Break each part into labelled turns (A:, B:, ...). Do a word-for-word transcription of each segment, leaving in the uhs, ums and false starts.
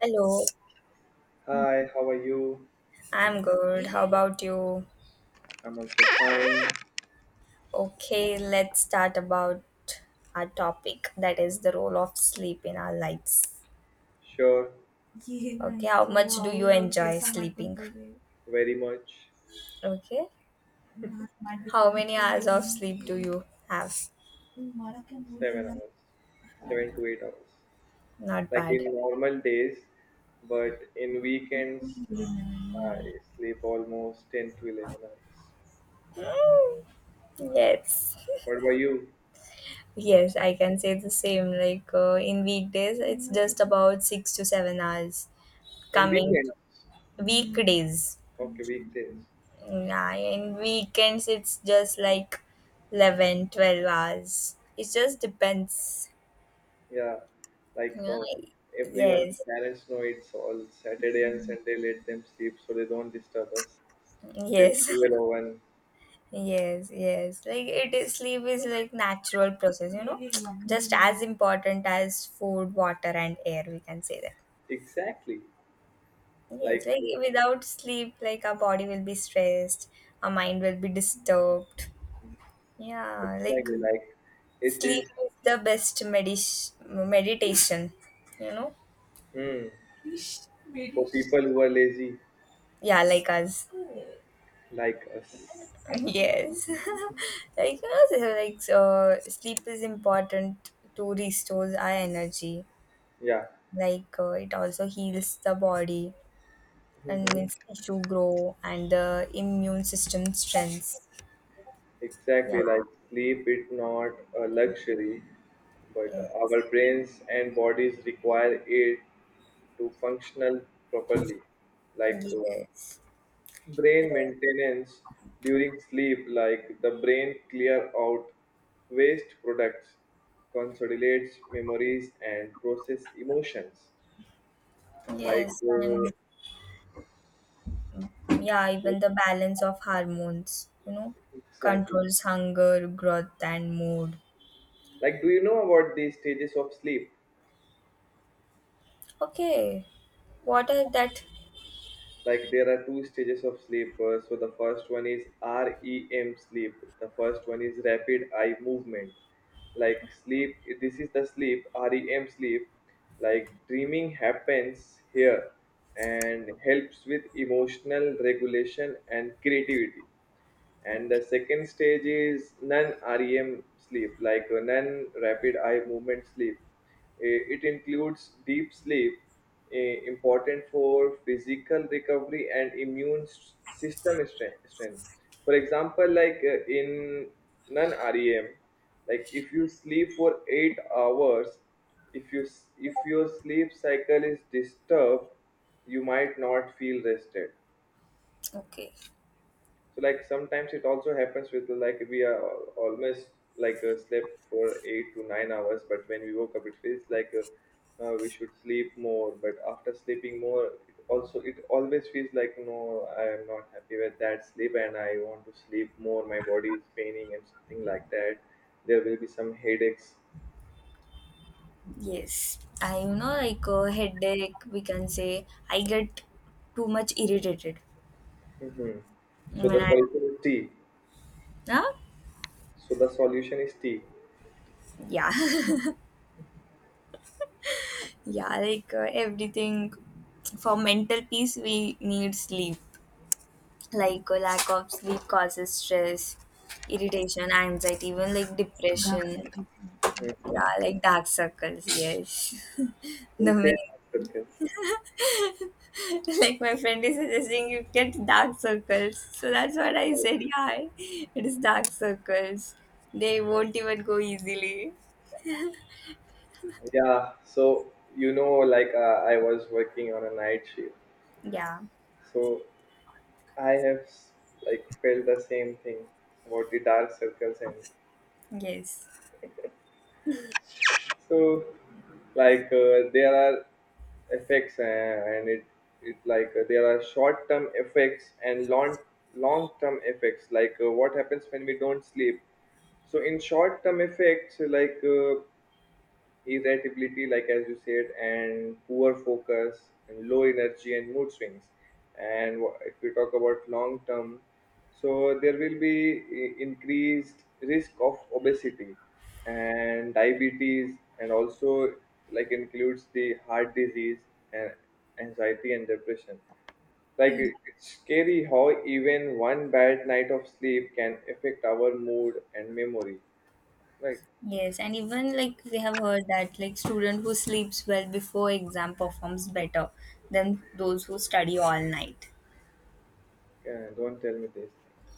A: Hello.
B: Hi, how are you?
A: I'm good. How about you?
B: I'm also fine.
A: Okay, let's start about our topic, that is the role of sleep in our lives.
B: Sure,
A: Okay, how much do you enjoy sleeping?
B: very much.
A: Okay, how many hours of sleep do you have?
B: Seven hours, seven to eight hours.
A: Not
B: Like in
A: bad.
B: normal days, but in weekends, I sleep almost ten to eleven hours.
A: Mm, yes,
B: What about you?
A: yes, I can say the same. Like uh, in weekdays, it's just about six to seven hours.
B: In
A: Coming
B: weekends?
A: to weekdays.
B: Okay, weekdays.
A: Yeah, in weekends it's just like eleven, twelve hours. It just depends.
B: Yeah, like,
A: Yeah.
B: oh, everyone,
A: Yes,
B: parents know it's all Saturday and Sunday, let them sleep so they don't disturb us till
A: yes.
B: twelve or one.
A: Yes, yes. Like it is sleep is like natural process, you know, just as important as food, water, and air. We can say that.
B: Exactly.
A: Yes,
B: Like,
A: like without sleep, like our body will be stressed, our mind will be disturbed. Yeah, like
B: exactly. Like, it
A: sleep
B: is
A: is the best medis meditation, you know.
B: hmm, for people who are lazy
A: Yeah, like us.
B: like us.
A: Yes, like us, uh, like so sleep is important to restores our energy,
B: Yeah,
A: like uh, it also heals the body and makes
B: hmm,
A: tissue grow and the immune system strengths. Yeah.
B: exactly. Like sleep is not a luxury, but
A: Yes.
B: our brains and bodies require it to functional properly. Like, uh,
A: Yes.
B: brain maintenance during sleep, like the brain clear out waste products, consolidates memories, and process emotions. Like,
A: Yes
B: uh,
A: and yeah,
B: yes,
A: even the balance of hormones, you know,
B: exactly.
A: controls hunger growth and mood.
B: Like, do you know about the stages of sleep?
A: Okay, what are that?
B: Like, there are two stages of sleep. Uh, so, the first one is R E M sleep, the first one is rapid eye movement. Like, sleep, this is the sleep, R E M sleep. Like, dreaming happens here and helps with emotional regulation and creativity. And the second stage is non-R E M sleep, like, uh, non-rapid eye movement sleep. Eh, It includes deep sleep, eh, important for physical recovery and immune s- system stre- strength. For example, like, uh, in non-R E M, like if you sleep for eight hours, if you s- if your sleep cycle is disturbed, you might not feel rested.
A: Okay.
B: So, like, sometimes it also happens with, like, we are al- almost, like, uh, slept for eight to nine hours, but when we woke up it feels like, uh, uh, we should sleep more. But after sleeping more, it also, it always feels like, no, I am not happy with that sleep and I want to sleep more. My body is paining and something like that. There will be some headaches.
A: Yes, I you know like A headache, we can say. I get too much irritated
B: Hmm. So the
A: when I,
B: solution is tea.
A: huh?
B: So the solution is tea.
A: Yeah. Yeah, like uh, everything for mental peace we need sleep. Like a lack of sleep causes stress, irritation, anxiety, even like dark depression. Yeah,
B: Mhm.
A: like dark circles. Yes,
B: Who
A: the
B: said
A: main like my friend is suggesting you get dark circles, so that's what I
B: that?
A: said. Yeah, it is dark circles, they won't even go easily.
B: Yeah, so, you know, like, uh, I was working on a night shift.
A: Yeah.
B: So I have s- like felt the same thing about the dark circles. And
A: Yes.
B: so, like, uh, there are effects, uh, and it it like, uh, there are short term effects and long long term effects. Like, uh, what happens when we don't sleep. So in short term effects, like, uh, irritability, like as you said, and poor focus, and low energy and mood swings. And wha- if we talk about long term, so there will be i- increased risk of obesity and diabetes, and also like includes the heart disease and anxiety and depression. Like
A: Mm,
B: it- it's scary how even one bad night of sleep can affect our mood and memory. Like,
A: yes, and even like we have heard that like student who sleeps well before exam performs better than those who study all night.
B: uh, don't tell me this things.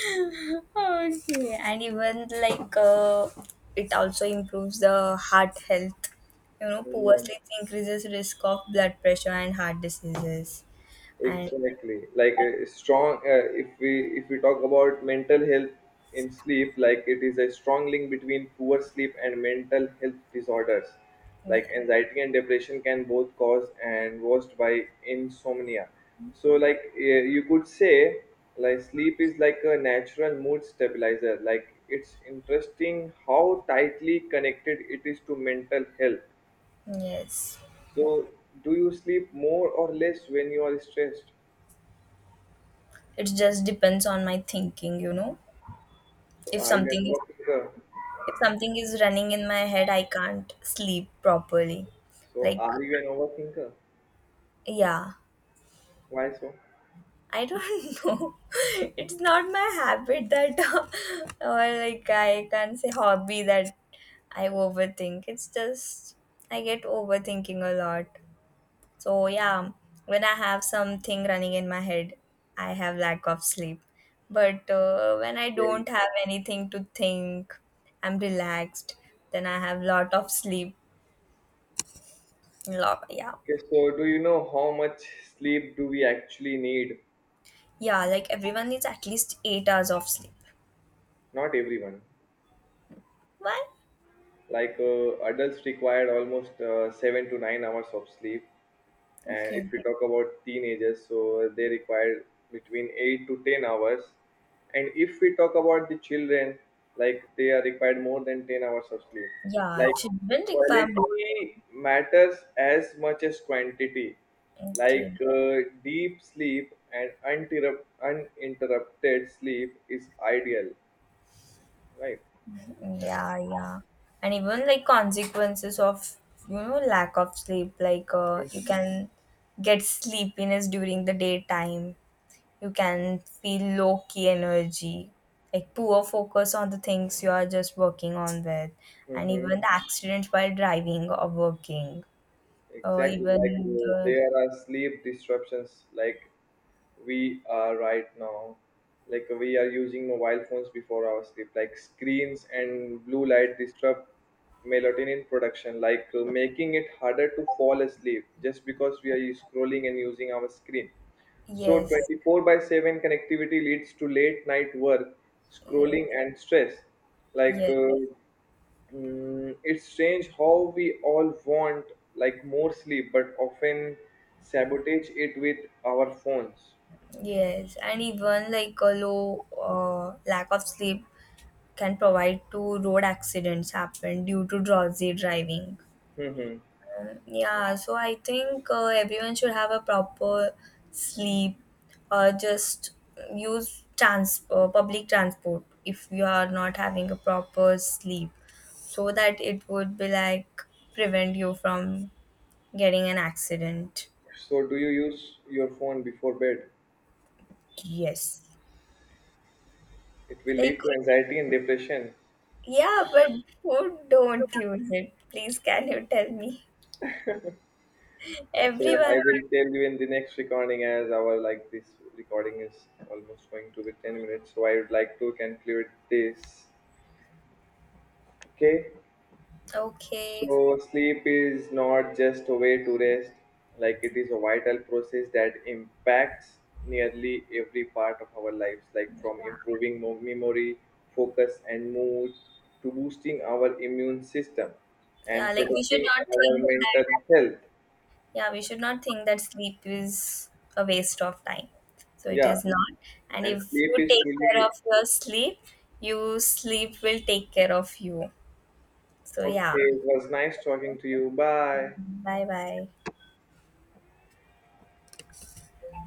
A: Okay, and even like uh, it also improves the heart health, you know, poor
B: Hmm.
A: sleep increases risk of blood pressure and heart diseases. And
B: Exactly. Like a strong. Uh, if we if we talk about mental health in sleep, like it is a strong link between poor sleep and mental health disorders, like anxiety and depression can both cause and worst by insomnia. So, like, uh, you could say like sleep is like a natural mood stabilizer. Like it's interesting how tightly connected it is to mental health.
A: yes,
B: So do you sleep more or less when you are stressed?
A: it just depends on my thinking, you know.
B: So
A: if
B: are you an
A: something is
B: overthinker?
A: if something is running in my head I can't sleep properly.
B: So
A: Like
B: are you an overthinker?
A: yeah.
B: Why so?
A: I don't know. It's not my habit that, uh, or like I can't say hobby that I overthink. It's just I get overthinking a lot. So yeah, when I have something running in my head, I have lack of sleep. But uh, when I
B: Okay.
A: don't have anything to think, I'm relaxed. Then I have lot of sleep. Lot, yeah,
B: Okay. So do you know how much sleep do we actually need?
A: yeah. Like everyone needs at least eight hours of sleep.
B: Not everyone.
A: Why?
B: Like, uh, adults require almost, uh, seven to nine hours of sleep, and
A: Okay.
B: if we talk about teenagers so they require between eight to ten hours, and if we talk about the children, like they are required more than ten hours of sleep.
A: Yeah,
B: Like,
A: children require more.
B: quality matters as much as quantity. Like,
A: Okay.
B: uh, deep sleep and uninterrupt- uninterrupted sleep is ideal, right?
A: Yeah, yeah. And even like consequences of, you know, lack of sleep, like uh, you can get sleepiness during the daytime. You can feel low key energy, like poor focus on the things you are just working on with, and
B: Mm-hmm.
A: even the accidents while driving or working, or
B: Exactly. Like,
A: even
B: uh,
A: the.
B: there are sleep disruptions. Like, we are right now, like, we are using mobile phones before our sleep. Like, screens and blue light disrupt melatonin production, like, uh, making it harder to fall asleep just because we are scrolling and using our screen. So
A: Yes,
B: twenty-four by seven connectivity leads to late night work,
A: yes.
B: scrolling, and stress. Like,
A: Yes,
B: uh, mm, it's strange how we all want like more sleep, but often sabotage it with our phones.
A: yes, and even like a low uh, lack of sleep can provide to road accidents happen due to drowsy driving.
B: Hmm.
A: Uh, Yeah, so I think uh, everyone should have a proper sleep, or just use trans- uh, public transport if you are not having a proper sleep, so that it would be like prevent you from getting an accident.
B: So, do you use your phone before bed?
A: Yes.
B: It will
A: Like
B: lead to anxiety and depression.
A: yeah, but who don't use it? Please, can you tell me?
B: So, I
A: Everyone.
B: will tell you in the next recording, as our, like, this recording is almost going to be ten minutes. So, I would like to conclude this. Okay.
A: Okay.
B: So, sleep is not just a way to rest, like, it is a vital process that impacts nearly every part of our lives, like, from improving mo- memory, focus, and mood to boosting our immune system
A: Yeah,
B: and
A: like we should
B: protecting
A: not
B: our
A: think that,
B: mental health.
A: yeah, we should not think that sleep is a waste of time. So it
B: Yeah,
A: is not. And
B: and
A: if
B: sleep
A: you
B: is
A: take care
B: truly.
A: of your sleep, you sleep will take care of you. So yeah,
B: Okay, it was nice talking to you. Bye.
A: bye bye.